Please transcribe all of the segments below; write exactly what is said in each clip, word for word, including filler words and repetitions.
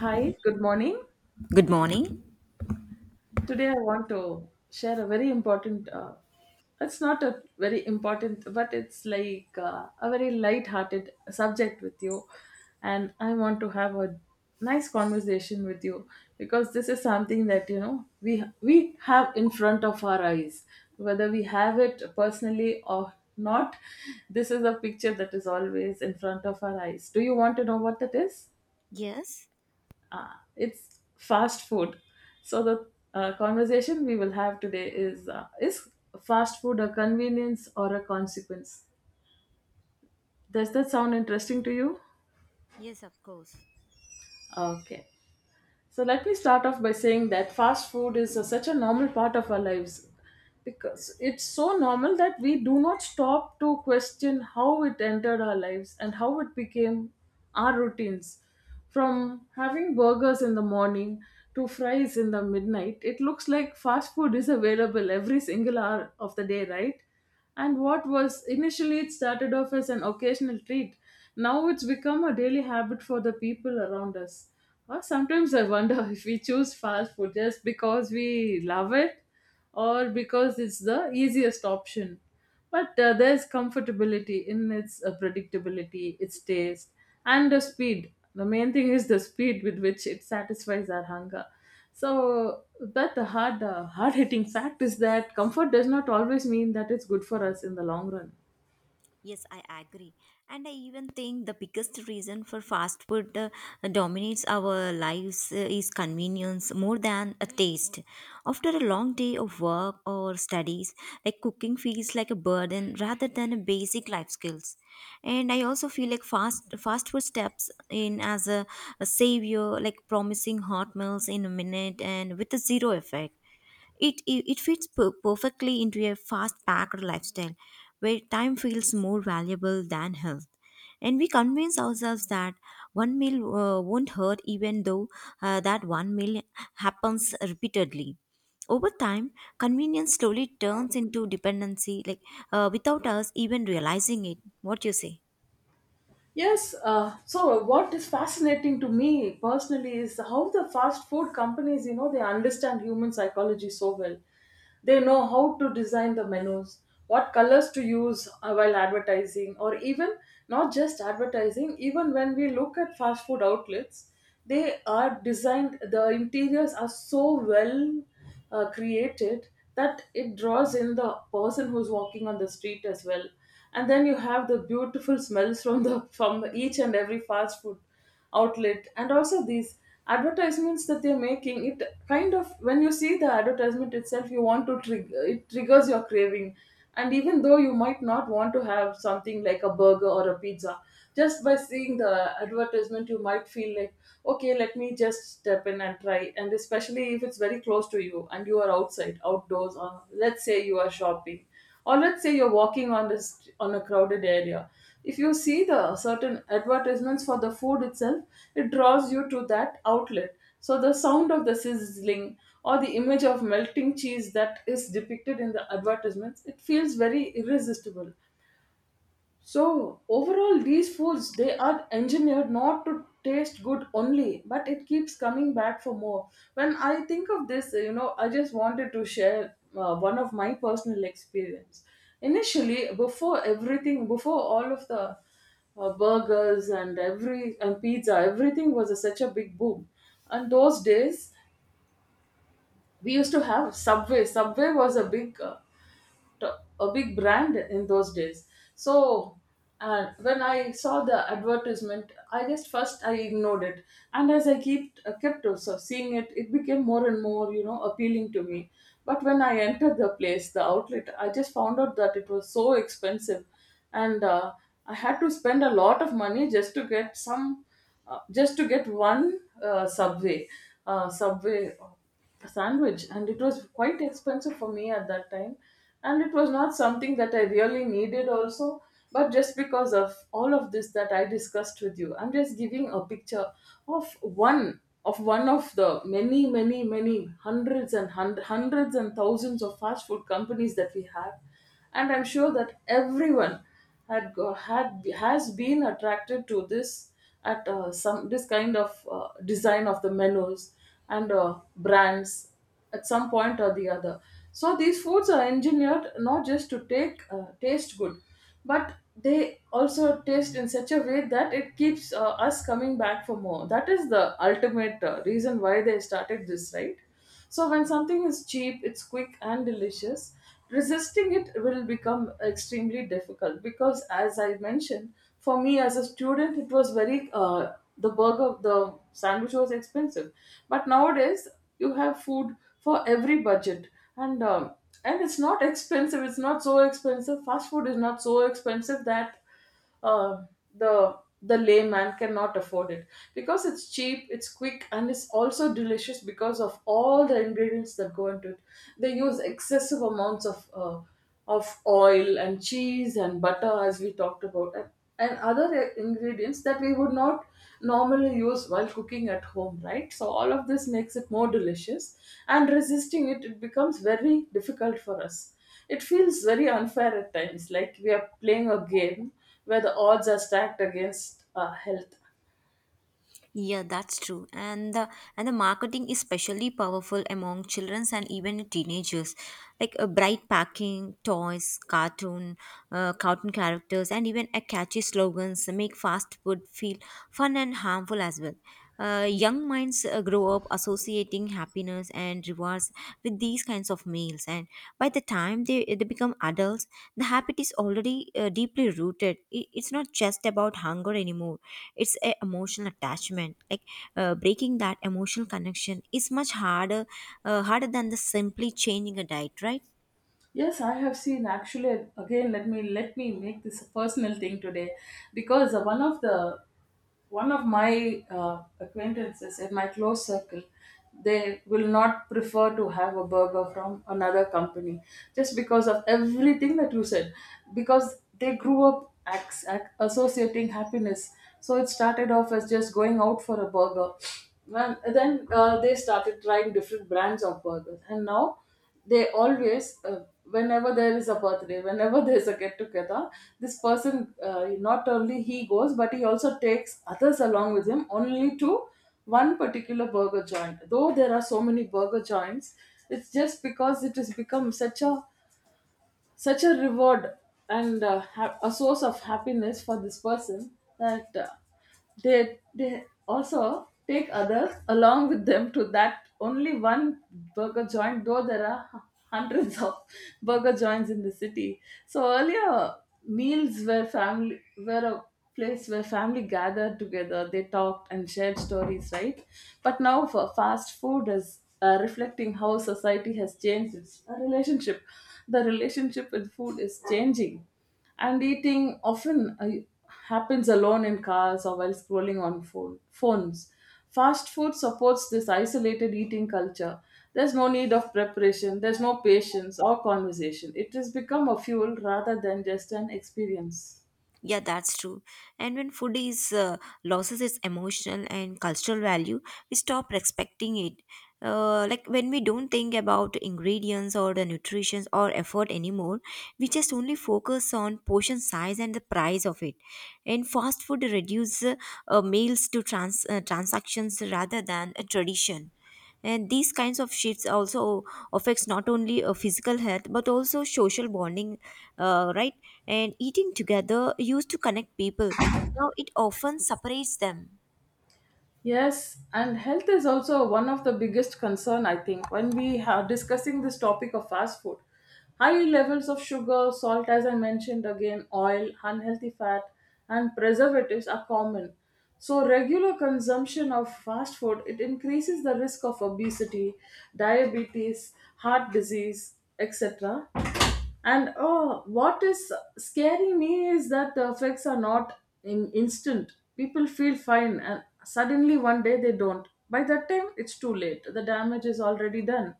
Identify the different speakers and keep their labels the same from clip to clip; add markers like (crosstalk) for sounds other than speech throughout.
Speaker 1: Hi, good morning.
Speaker 2: Good morning.
Speaker 1: Today I want to share a very important, uh, it's not a very important, but it's like uh, a very light-hearted subject with you. And I want to have a nice conversation with you because this is something that, you know, we, we have in front of our eyes. Whether we have it personally or not, this is a picture that is always in front of our eyes. Do you want to know what that is?
Speaker 2: Yes,
Speaker 1: uh, it's fast food. So the uh, conversation we will have today is uh, is fast food a convenience or a consequence? Does that sound interesting to you?
Speaker 2: yes, of course.
Speaker 1: Okay. So let me start off by saying that fast food is a- such a normal part of our lives because it's so normal that we do not stop to question how it entered our lives and how it became our routines. From having burgers in the morning to fries in the midnight, it looks like fast food is available every single hour of the day, right? And what was initially it started off as an occasional treat, now it's become a daily habit for the people around us. Or sometimes I wonder (laughs) if we choose fast food just because we love it or because it's the easiest option. But uh, there's comfortability in its uh, predictability, its taste, and the speed. The main thing is the speed with which it satisfies our hunger. So, but the hard, uh, hard-hitting fact is that comfort does not always mean that it's good for us in the long run.
Speaker 2: Yes, I agree. And I even think the biggest reason for fast food uh, dominates our lives uh, is convenience more than a taste. After a long day of work or studies, like cooking feels like a burden rather than a basic life skills. And I also feel like fast fast food steps in as a, a savior, like promising hot meals in a minute and with a zero effect. It, it, it fits per- perfectly into a fast packed lifestyle where time feels more valuable than health. And we convince ourselves that one meal uh, won't hurt, even though uh, that one meal happens repeatedly. Over time, convenience slowly turns into dependency, like uh, without us even realizing it. What do you say?
Speaker 1: Yes, uh, so what is fascinating to me personally is how the fast food companies, you know, they understand human psychology so well. They know how to design the menus, what colors to use uh, while advertising, or even not just advertising, even when we look at fast food outlets, they are designed, the interiors are so well uh, created that it draws in the person who's walking on the street as well. And then you have the beautiful smells from the from each and every fast food outlet, and also these advertisements that they're making it kind of, when you see the advertisement itself, you want to trigger, it triggers your craving. And even though you might not want to have something like a burger or a pizza, just by seeing the advertisement you might feel like, okay, let me just step in and try. And especially if it's very close to you and you are outside outdoors, or let's say you are shopping, or let's say you're walking on this, on a crowded area, if you see the certain advertisements for the food itself, it draws you to that outlet. So the sound of the sizzling or the image of melting cheese that is depicted in the advertisements, it feels very irresistible. So overall, these foods, they are engineered not to taste good only, but it keeps coming back for more. When I think of this, you know, I just wanted to share uh, one of my personal experience. Initially, before everything, before all of the uh, burgers and every and pizza, everything was a, such a big boom. And those days, we used to have Subway. Subway was a big uh, a big brand in those days. So uh, when I saw the advertisement, I just first I ignored it, and as I kept uh, kept also seeing it, it became more and more you know appealing to me. But when I entered the place, the outlet, I just found out that it was so expensive, and uh, I had to spend a lot of money just to get some uh, just to get one uh, subway uh, subway sandwich. And it was quite expensive for me at that time, and it was not something that I really needed also. But just because of all of this that I discussed with you, I'm just giving a picture of one of one of the many many many hundreds and hun- hundreds and thousands of fast food companies that we have. And I'm sure that everyone had go, had has been attracted to this at uh, some this kind of uh, design of the menus and uh, brands at some point or the other. So these foods are engineered not just to take uh, taste good, but they also taste in such a way that it keeps uh, us coming back for more. That is the ultimate uh, reason why they started this, right? So when something is cheap, it's quick and delicious. Resisting it will become extremely difficult because, as I mentioned, for me as a student, it was very uh, the burger, the sandwich was expensive. But nowadays, you have food for every budget, and um, and it's not expensive. It's not so expensive. Fast food is not so expensive that uh, the the layman cannot afford it, because it's cheap, it's quick, and it's also delicious because of all the ingredients that go into it. They use excessive amounts of uh, of oil and cheese and butter, as we talked about, and, and other ingredients that we would not normally use while cooking at home, right? So all of this makes it more delicious, and resisting it it becomes very difficult for us. It feels very unfair at times, like we are playing a game where the odds are stacked against our health.
Speaker 2: Yeah, that's true. And the and the marketing is especially powerful among children and even teenagers. Like a bright packing, toys, cartoon, uh, cartoon characters, and even a catchy slogans make fast food feel fun and harmful as well. Uh, young minds uh, grow up associating happiness and rewards with these kinds of meals, and by the time they, they become adults, the habit is already uh, deeply rooted. It, it's not just about hunger anymore, it's a emotional attachment, like uh, breaking that emotional connection is much harder uh, harder than the simply changing a diet, right?
Speaker 1: Yes, I have seen actually. Again, let me let me make this a personal thing today, because uh, one of the one of my uh, acquaintances in my close circle, they will not prefer to have a burger from another company just because of everything that you said, because they grew up ac- ac- associating happiness. So it started off as just going out for a burger, and then uh, they started trying different brands of burgers, and now they always uh, whenever there is a birthday, whenever (laughs) there's a get together, this person uh, not only he goes, but he also takes others along with him only to one particular burger joint, though there are so many burger joints. It's just because it has become such a such a reward and uh, ha- a source of happiness for this person, that uh, they they also take others along with them to that only one burger joint, though there are hu- hundreds of (laughs) burger joints in the city. So earlier meals were family were a place where family gathered together, they talked and shared stories, right? But now, for fast food is uh, reflecting how society has changed its relationship. The relationship with food is changing, and eating often uh, happens alone in cars or while scrolling on phone, phones. Fast food supports this isolated eating culture. There's no need of preparation, there's no patience or conversation. It has become a fuel rather than just an experience.
Speaker 2: Yeah, that's true. And when food is uh, loses its emotional and cultural value, we stop respecting it. Uh, like when we don't think about ingredients or the nutrition or effort anymore, we just only focus on portion size and the price of it. And fast food reduces uh, uh, meals to trans uh, transactions rather than a tradition. And these kinds of shifts also affects not only uh, physical health but also social bonding, uh, right? And eating together used to connect people. Now it often separates them.
Speaker 1: Yes, and health is also one of the biggest concern, I think, when we are discussing this topic of fast food. High levels of sugar, salt, as I mentioned again, oil, unhealthy fat and preservatives are common. So regular consumption of fast food, it increases the risk of obesity, diabetes, heart disease, et cetera. And oh, what is scaring me is that the effects are not in instant. People feel fine, and suddenly one day they don't. By that time, it's too late. The damage is already done.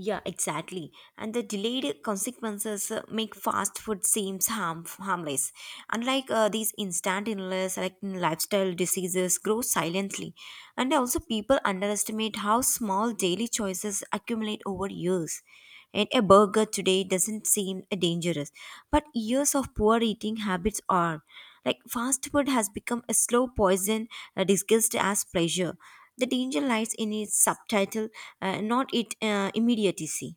Speaker 2: Yeah, exactly. And the delayed consequences uh, make fast food seems harm harmless. Unlike uh, these instant illness, like mm, lifestyle diseases, grow silently. And also, people underestimate how small daily choices accumulate over years. And a burger today doesn't seem uh, dangerous, but years of poor eating habits are. Like fast food has become a slow poison uh, disguised as pleasure. The danger lies in its subtitle, uh, not its uh, immediacy.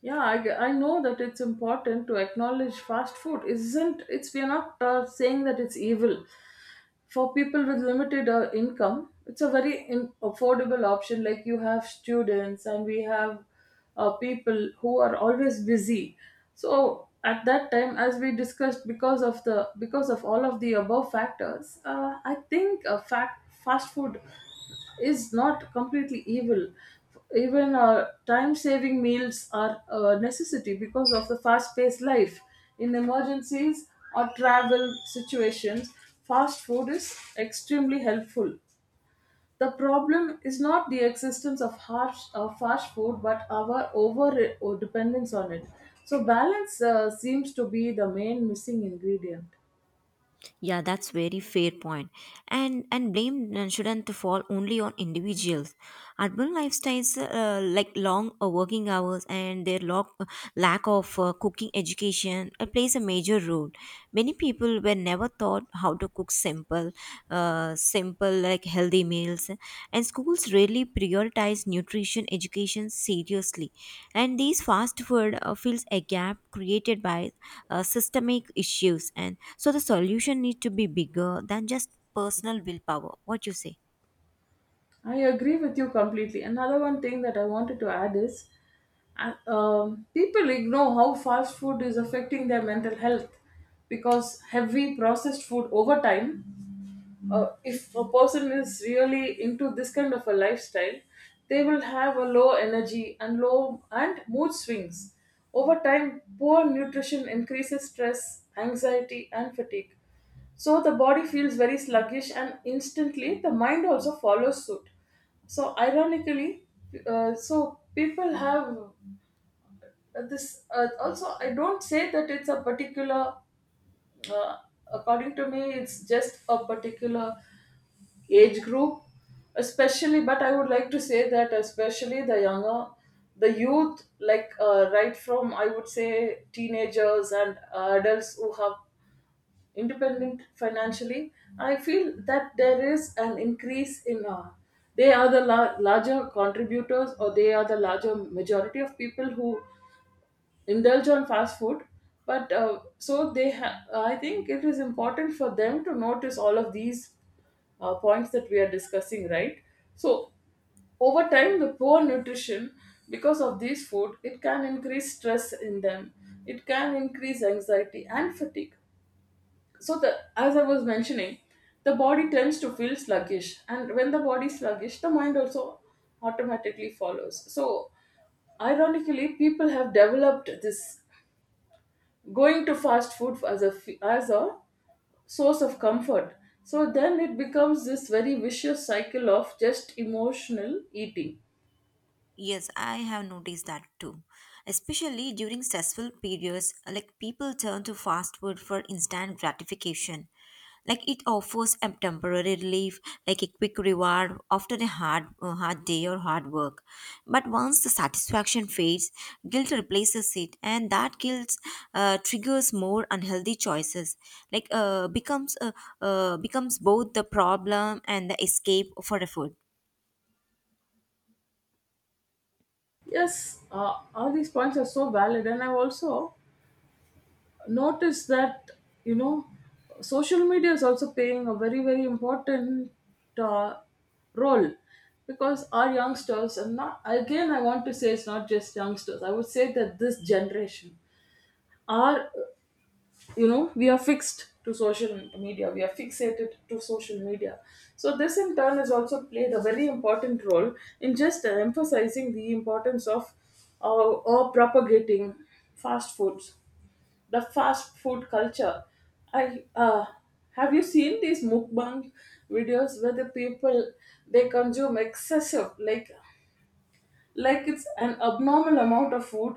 Speaker 1: Yeah, I, g- I know that it's important to acknowledge fast food. Isn't it's we are not uh, saying that it's evil for people with limited uh, income. It's a very in- affordable option. Like, you have students, and we have uh, people who are always busy. So at that time, as we discussed, because of the because of all of the above factors, uh, I think a fact fast food is not completely evil. Even uh, time saving meals are a necessity because of the fast paced life. In emergencies or travel situations, fast food is extremely helpful. The problem is not the existence of harsh, of fast food, but our over or dependence on it. So, balance uh, seems to be the main missing ingredient.
Speaker 2: Yeah, that's very fair point. And and blame uh, shouldn't fall only on individuals. Urban lifestyles uh, like long uh, working hours and their lock, uh, lack of uh, cooking education uh, plays a major role. Many people were never taught how to cook simple, uh, simple like healthy meals, and schools rarely prioritize nutrition education seriously. And these fast food uh, fills a gap created by uh, systemic issues, and so the solution needs to be bigger than just personal willpower. What you say?
Speaker 1: I agree with you completely. Another one thing that I wanted to add is uh, um, people ignore how fast food is affecting their mental health because heavy processed food over time, uh, if a person is really into this kind of a lifestyle, they will have a low energy and low and mood swings. Over time, poor nutrition increases stress, anxiety and fatigue. So the body feels very sluggish and instantly the mind also follows suit. So ironically, uh, so people have uh, this, uh, also I don't say that it's a particular, uh, according to me it's just a particular age group especially, but I would like to say that especially the younger, the youth, like uh, right from I would say teenagers and uh, adults who have independent financially, I feel that there is an increase in uh, they are the la- larger contributors, or they are the larger majority of people who indulge on fast food. But uh, so they ha- I think it is important for them to notice all of these uh, points that we are discussing, right? So over time, the poor nutrition because of these food, it can increase stress in them, it can increase anxiety and fatigue. So the, as I was mentioning, the body tends to feel sluggish, and when the body is sluggish, the mind also automatically follows. So ironically, people have developed this going to fast food as a f- as a source of comfort. So then it becomes this very vicious cycle of just emotional eating.
Speaker 2: Yes, I have noticed that too. Especially during stressful periods, like people turn to fast food for instant gratification. Like it offers a temporary relief, like a quick reward after a hard, uh, hard day or hard work. But once the satisfaction fades, guilt replaces it, and that guilt uh, triggers more unhealthy choices. Like uh, becomes uh, uh, becomes both the problem and the escape for a food.
Speaker 1: Yes, uh, all these points are so valid, and I've also noticed that, you know, social media is also playing a very very important uh, role, because our youngsters, and not again, I want to say it's not just youngsters, I would say that this generation are, you know, we are fixed to social media, we are fixated to social media. So this in turn has also played a very important role in just uh, emphasizing the importance of uh, or propagating fast foods, the fast food culture. I uh, Have you seen these mukbang videos where the people, they consume excessive, like like it's an abnormal amount of food,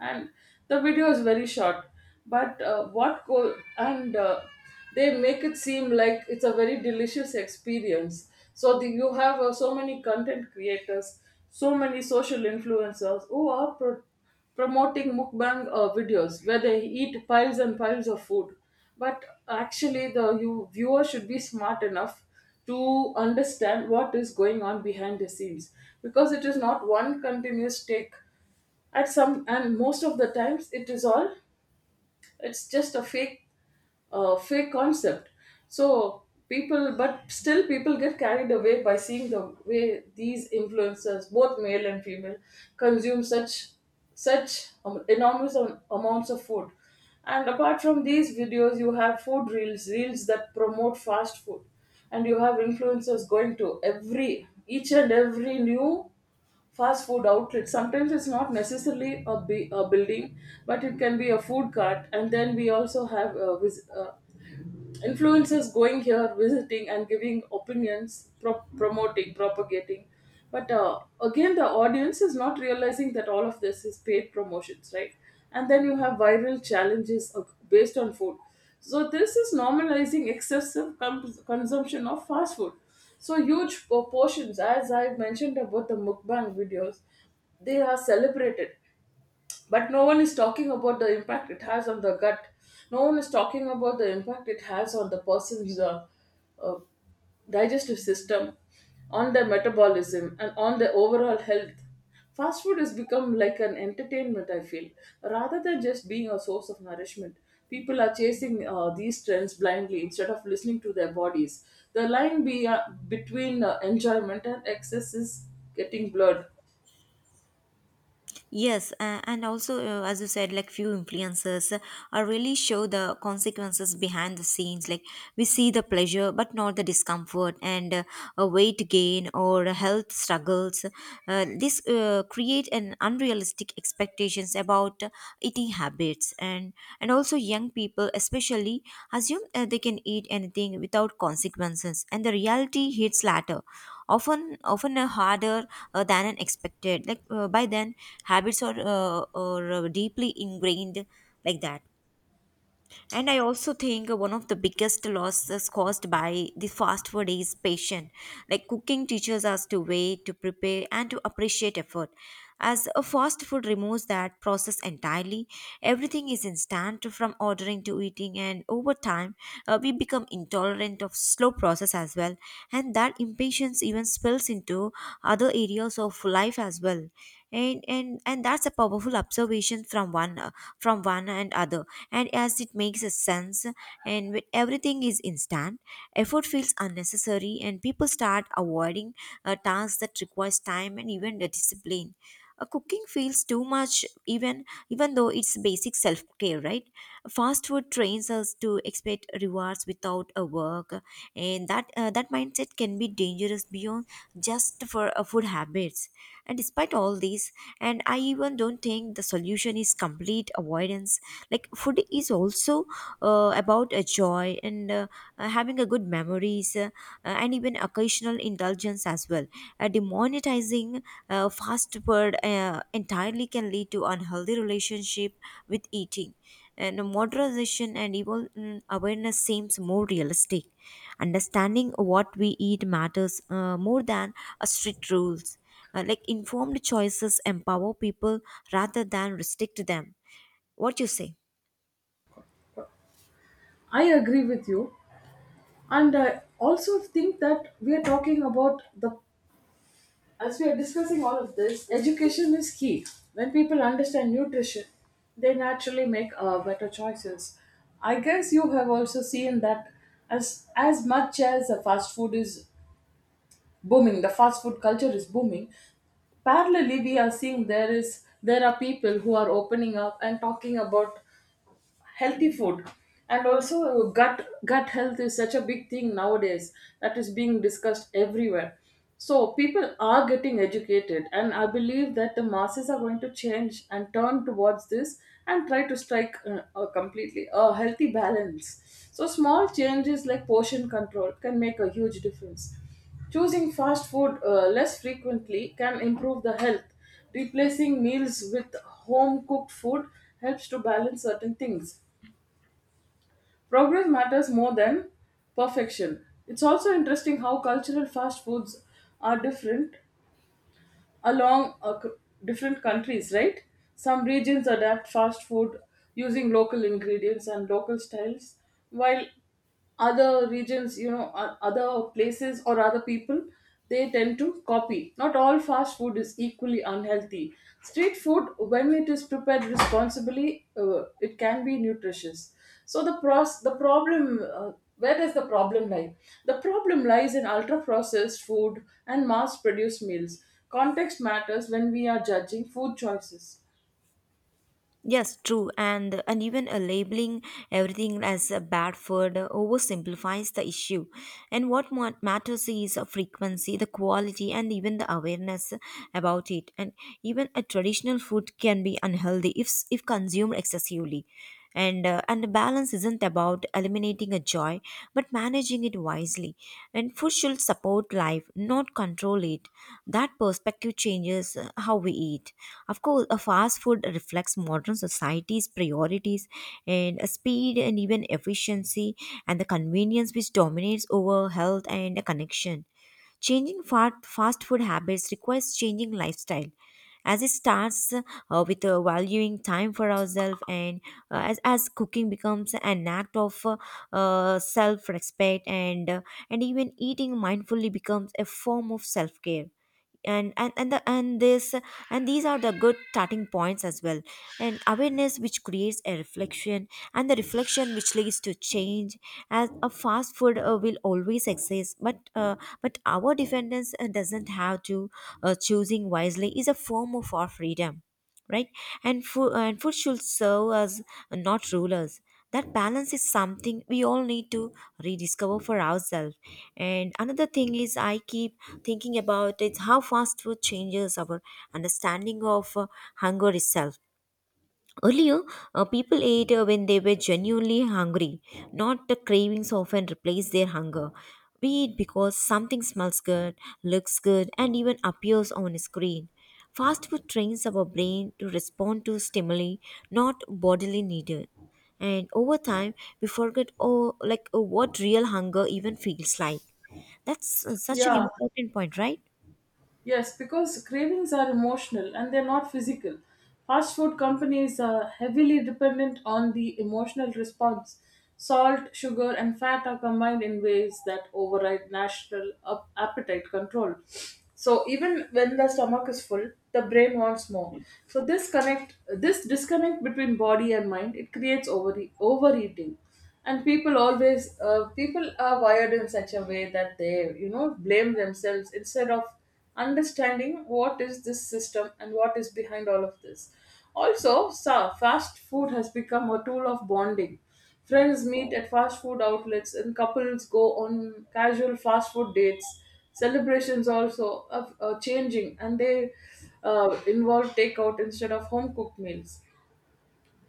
Speaker 1: and the video is very short, but uh, what go and uh, they make it seem like it's a very delicious experience. So the, you have uh, so many content creators, so many social influencers who are pro- promoting mukbang uh, videos where they eat piles and piles of food. But actually the, you, viewer should be smart enough to understand what is going on behind the scenes, because it is not one continuous take. At some, and most of the times it is all, it's just a fake, uh, fake concept. So people, but still people get carried away by seeing the way these influencers, both male and female, consume such such um, enormous am- amounts of food. And apart from these videos, you have food reels, reels that promote fast food, and you have influencers going to every, each and every new fast food outlet. Sometimes it's not necessarily a, bu- a building, but it can be a food cart. And then we also have uh, vis- uh, influencers going here, visiting and giving opinions, pro- promoting, propagating. But uh, again, the audience is not realizing that all of this is paid promotions, right? And then you have viral challenges uh, based on food. So this is normalizing excessive com- consumption of fast food. So huge proportions, as I mentioned about the mukbang videos, they are celebrated, but no one is talking about the impact it has on the gut, no one is talking about the impact it has on the person's uh, uh, digestive system, on their metabolism and on their overall health. Fast food has become like an entertainment, I feel, rather than just being a source of nourishment. People are chasing uh, these trends blindly instead of listening to their bodies. The line be, uh, between uh, enjoyment and excess is getting blurred.
Speaker 2: Yes, uh, and also uh, as you said, like few influencers uh, are really show the consequences behind the scenes. Like we see the pleasure, but not the discomfort, and uh, a weight gain or health struggles. Uh, this uh, create an unrealistic expectations about eating habits. and and also young people especially assume uh, they can eat anything without consequences, and the reality hits latter, often often uh, harder uh, than an expected, like uh, by then habits are, uh, are uh, deeply ingrained like that. And I also think one of the biggest losses caused by the fast food is patience. Like cooking teaches us to wait, to prepare, and to appreciate effort. As a fast food removes that process entirely, everything is instant from ordering to eating, and over time, uh, we become intolerant of slow process as well. And that impatience even spills into other areas of life as well. And and and that's a powerful observation from one uh, from one and other, and as it makes a sense. And when everything is instant, effort feels unnecessary, and people start avoiding uh, tasks that requires time and even the discipline. Uh, cooking feels too much, even even though it's basic self-care, right? Fast food trains us to expect rewards without a work, and that uh, that mindset can be dangerous beyond just for uh, food habits. And despite all these, and I even don't think the solution is complete avoidance. Like food is also uh, about a joy, and uh, uh, having a good memories, uh, uh, and even occasional indulgence as well. Uh, demonetizing uh, fast food uh, entirely can lead to unhealthy relationship with eating. And moderation and even mm, awareness seems more realistic. Understanding what we eat matters uh, more than a strict rules. Uh, like informed choices empower people rather than restrict them. What you say?
Speaker 1: I agree with you. And I also think that we are talking about the, as we are discussing all of this, education is key. When people understand nutrition, they naturally make uh, better choices. I guess you have also seen that as as much as the fast food is booming, the fast food culture is booming. Parallelly, we are seeing there is, there are people who are opening up and talking about healthy food. And also, gut gut health is such a big thing nowadays that is being discussed everywhere. So people are getting educated, and I believe that the masses are going to change and turn towards this, and try to strike uh, a completely a healthy balance. So small changes like portion control can make a huge difference. Choosing fast food uh, less frequently can improve the health. Replacing meals with home cooked food helps to balance certain things. Progress matters more than perfection. It's also interesting how cultural fast foods are different along uh, c- different countries, right? Some regions adapt fast food using local ingredients and local styles, while other regions, you know, o- other places or other people, they tend to copy. Not all fast food is equally unhealthy. Street food, when it is prepared responsibly, uh, it can be nutritious. So the pros- the problem, uh, where does the problem lie? The problem lies in ultra processed food and mass produced meals. Context matters when we are judging food choices.
Speaker 2: Yes, true, and and even uh, labeling everything as a bad food uh, oversimplifies the issue. And what ma- matters is the frequency, the quality, and even the awareness about it. And even a traditional food can be unhealthy if s- if consumed excessively. And uh, and the balance isn't about eliminating a joy but managing it wisely. And food should support life, not control it. That perspective changes uh, how we eat. Of course a fast food reflects modern society's priorities, and uh, speed and even efficiency and the convenience which dominates over health and a connection. Changing fa- fast food habits requires changing lifestyle. As it starts uh, with uh, valuing time for ourselves, and uh, as, as cooking becomes an act of uh, uh, self-respect, and uh, and even eating mindfully becomes a form of self-care. And and and, the, and this and these are the good starting points as well. And awareness which creates a reflection and the reflection which leads to change. As a fast food uh, will always exist but uh, but our dependence uh, doesn't have to. Uh, choosing wisely is a form of our freedom, right? And food and food should serve us, not rule us. That balance is something we all need to rediscover for ourselves. And another thing is I keep thinking about is how fast food changes our understanding of uh, hunger itself. Earlier, uh, people ate uh, when they were genuinely hungry, not the cravings often replace their hunger. We eat because something smells good, looks good, and even appears on a screen. Fast food trains our brain to respond to stimuli, not bodily needed. And over time, we forget, oh, like uh, what real hunger even feels like. That's uh, such an
Speaker 1: Yeah.
Speaker 2: important point, right?
Speaker 1: Yes, because cravings are emotional and they're not physical. Fast food companies are heavily dependent on the emotional response. Salt, sugar, and fat are combined in ways that override natural up- appetite control. So even when the stomach is full, the brain wants more. So this connect, this disconnect between body and mind, it creates over overeating, and people always, uh, people are wired in such a way that they, you know, blame themselves instead of understanding what is this system and what is behind all of this. Also, sa- fast food has become a tool of bonding. Friends meet at fast food outlets, and couples go on casual fast food dates. Celebrations also are, are changing, and they uh, involve takeout instead of home cooked meals.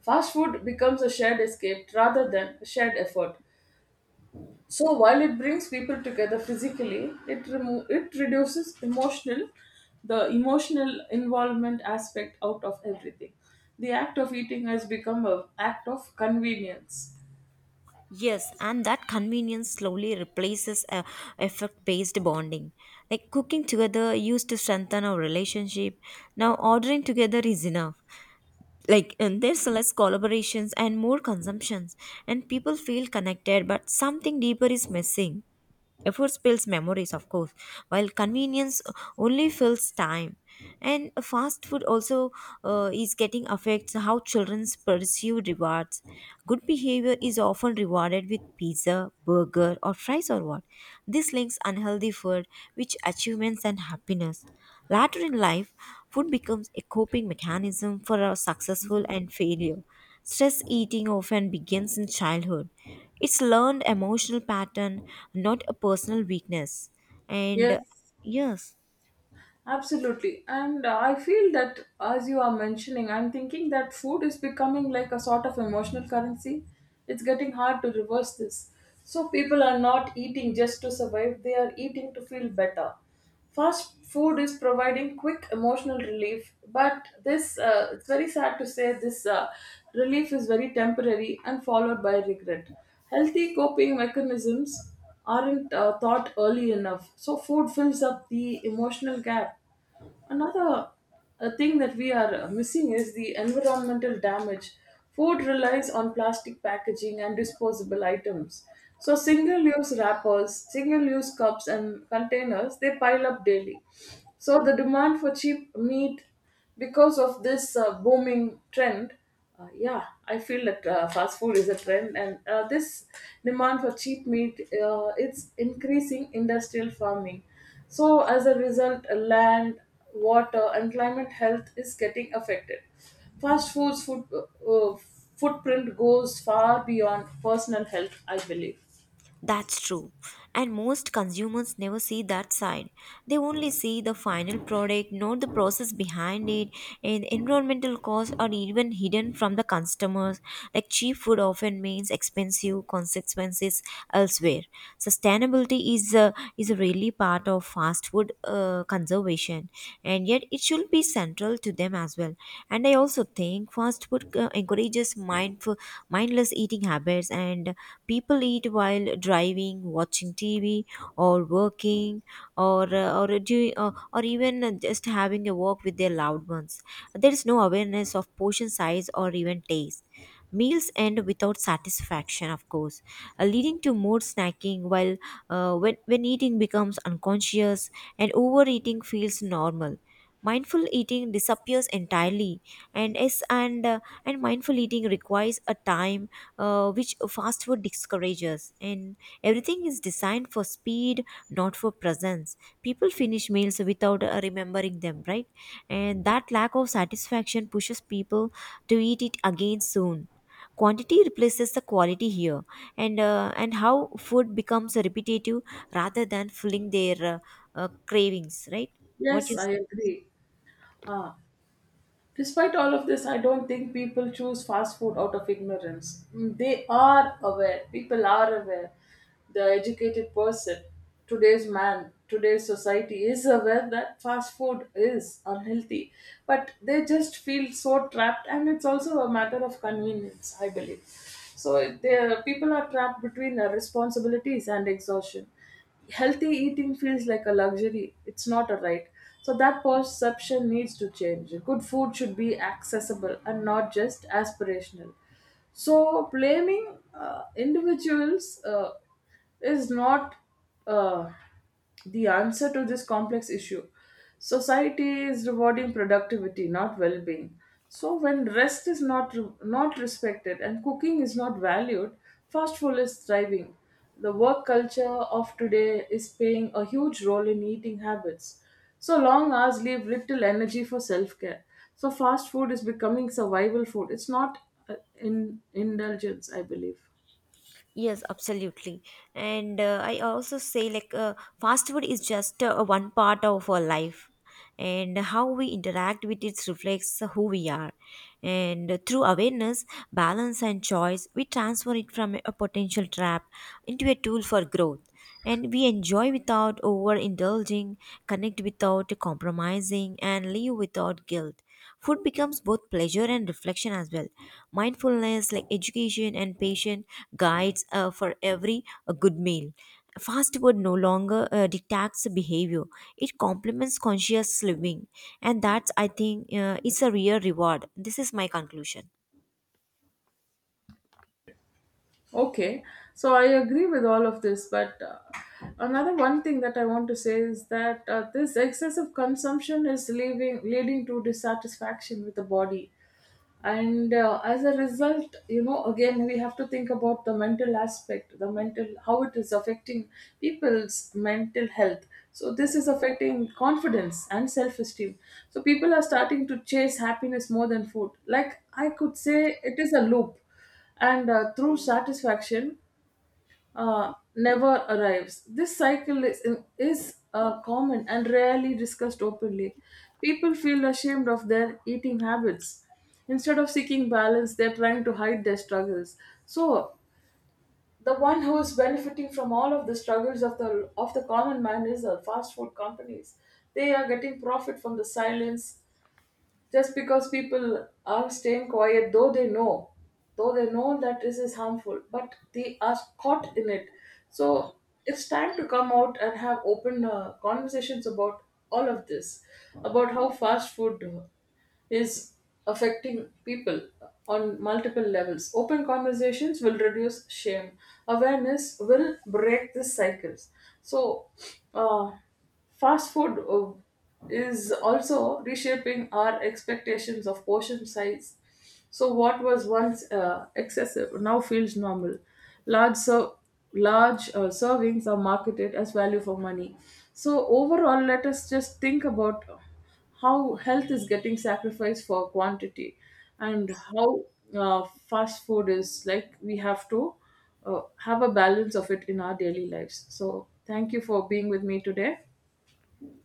Speaker 1: Fast food becomes a shared escape rather than a shared effort. So while it brings people together physically, it remo- it reduces emotional, the emotional involvement aspect out of everything. The act of eating has become a act of convenience.
Speaker 2: Yes, and that convenience slowly replaces a effect-based bonding. Like cooking together used to strengthen our relationship. Now ordering together is enough. Like and there's less collaborations and more consumptions, and people feel connected, but something deeper is missing. Effort spills memories, of course, while convenience only fills time. And fast food also uh, is getting affects how children pursue rewards. Good behavior is often rewarded with pizza, burger, or fries, or what. This links unhealthy food with achievements and happiness. Later in life, food becomes a coping mechanism for our successful and failure. Stress eating often begins in childhood. It's learned emotional pattern, not a personal weakness. And uh,
Speaker 1: Yes.
Speaker 2: Yes,
Speaker 1: Absolutely. And uh, I feel that as you are mentioning, I'm thinking that food is becoming like a sort of emotional currency. It's getting hard to reverse this. So people are not eating just to survive, they are eating to feel better. Fast food is providing quick emotional relief, but this, uh, it's very sad to say, this uh, relief is very temporary and followed by regret. Healthy coping mechanisms aren't uh, thought early enough. So, food fills up the emotional gap. Another uh, thing that we are uh, missing is the environmental damage. Food relies on plastic packaging and disposable items. So single-use wrappers, single-use cups and containers, they pile up daily. So the demand for cheap meat because of this uh, booming trend, uh, yeah, I feel that uh, fast food is a trend, and uh, this demand for cheap meat, uh, it's increasing industrial farming. So, as a result, land, water, and climate health is getting affected. Fast food's food, uh, footprint goes far beyond personal health, I believe.
Speaker 2: that's true. And most consumers never see that side. They only see the final product, not the process behind it. And environmental costs are even hidden from the customers. Like cheap food often means expensive consequences elsewhere. Sustainability is a, is really part of fast food uh, conservation, and yet it should be central to them as well. And I also think fast food uh, encourages mindful mindless eating habits. And people eat while driving, watching TV, or working, or uh, or doing or, or even uh, just having a walk with their loved ones. There is no awareness of portion size or even taste. Meals end without satisfaction, of course, uh, leading to more snacking, while uh, when, when eating becomes unconscious and overeating feels normal. Mindful eating disappears entirely, and yes, and uh, and mindful eating requires a time uh, which fast food discourages. And everything is designed for speed, not for presence. People finish meals without uh, remembering them, right? And that lack of satisfaction pushes people to eat it again soon. Quantity replaces the quality here. And uh, and how food becomes repetitive rather than filling their uh, uh, cravings, right? What you
Speaker 1: Yes, I
Speaker 2: say?
Speaker 1: agree. Uh, Despite all of this, I don't think people choose fast food out of ignorance. Mm. They are aware. People are aware. The educated person, today's man, today's society is (laughs) aware that fast food is unhealthy. But they just feel so trapped, and it's also a matter of convenience, I believe. So they, people are trapped between uh, responsibilities and exhaustion. Healthy eating feels like a luxury, it's not a right. So that perception needs to change. Good food should be accessible and not just aspirational. So blaming uh, individuals uh, is not uh, the answer to this complex issue. Society is rewarding productivity, not well-being. So when rest is not not respected and cooking is not valued, fast food is thriving. The work culture of today is playing a huge role in eating habits. So long hours leave little energy for self-care. So fast food is becoming survival food. It's not uh, in indulgence, I believe.
Speaker 2: Yes, absolutely. And uh, I also say like uh, fast food is just uh, one part of our life, and how we interact with it reflects who we are. And uh, through awareness, balance and choice, we transform it from a potential trap into a tool for growth. And we enjoy without overindulging, connect without compromising, and live without guilt. Food becomes both pleasure and reflection as well. Mindfulness, like education and patience, guides uh, for every uh, good meal. Fast food no longer uh, dictates behavior; it complements conscious living, and that's I think uh, it's a real reward. This is my conclusion.
Speaker 1: Okay, so I agree with all of this, but uh, another one thing that I want to say is that uh, this excessive consumption is leaving, leading to dissatisfaction with the body. And uh, as a result, you know, again we have to think about the mental aspect, the mental, how it is affecting people's mental health. So this is affecting confidence and self-esteem. So people are starting to chase happiness more than food, like I could say it is a loop. And uh, through satisfaction uh, never arrives. This cycle is, is uh, common and rarely discussed openly. People feel ashamed of their eating habits. Instead of seeking balance, they're trying to hide their struggles. So, the one who is benefiting from all of the struggles of the, of the common man is the fast food companies. They are getting profit from the silence, just because people are staying quiet. Though they know, though they know that this is harmful, but they are caught in it. So it's time to come out and have open uh, conversations about all of this, about how fast food uh, is affecting people on multiple levels. Open conversations will reduce shame. Awareness will break these cycles. So, uh, fast food uh, is also reshaping our expectations of portion size. So, what was once uh, excessive now feels normal. Large, ser- large uh, servings are marketed as value for money. So, overall, let us just think about how health is getting sacrificed for quantity, and how uh, fast food is, like, we have to uh, have a balance of it in our daily lives. So, thank you for being with me today.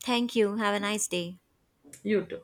Speaker 2: Thank you. Have a nice day.
Speaker 1: You too.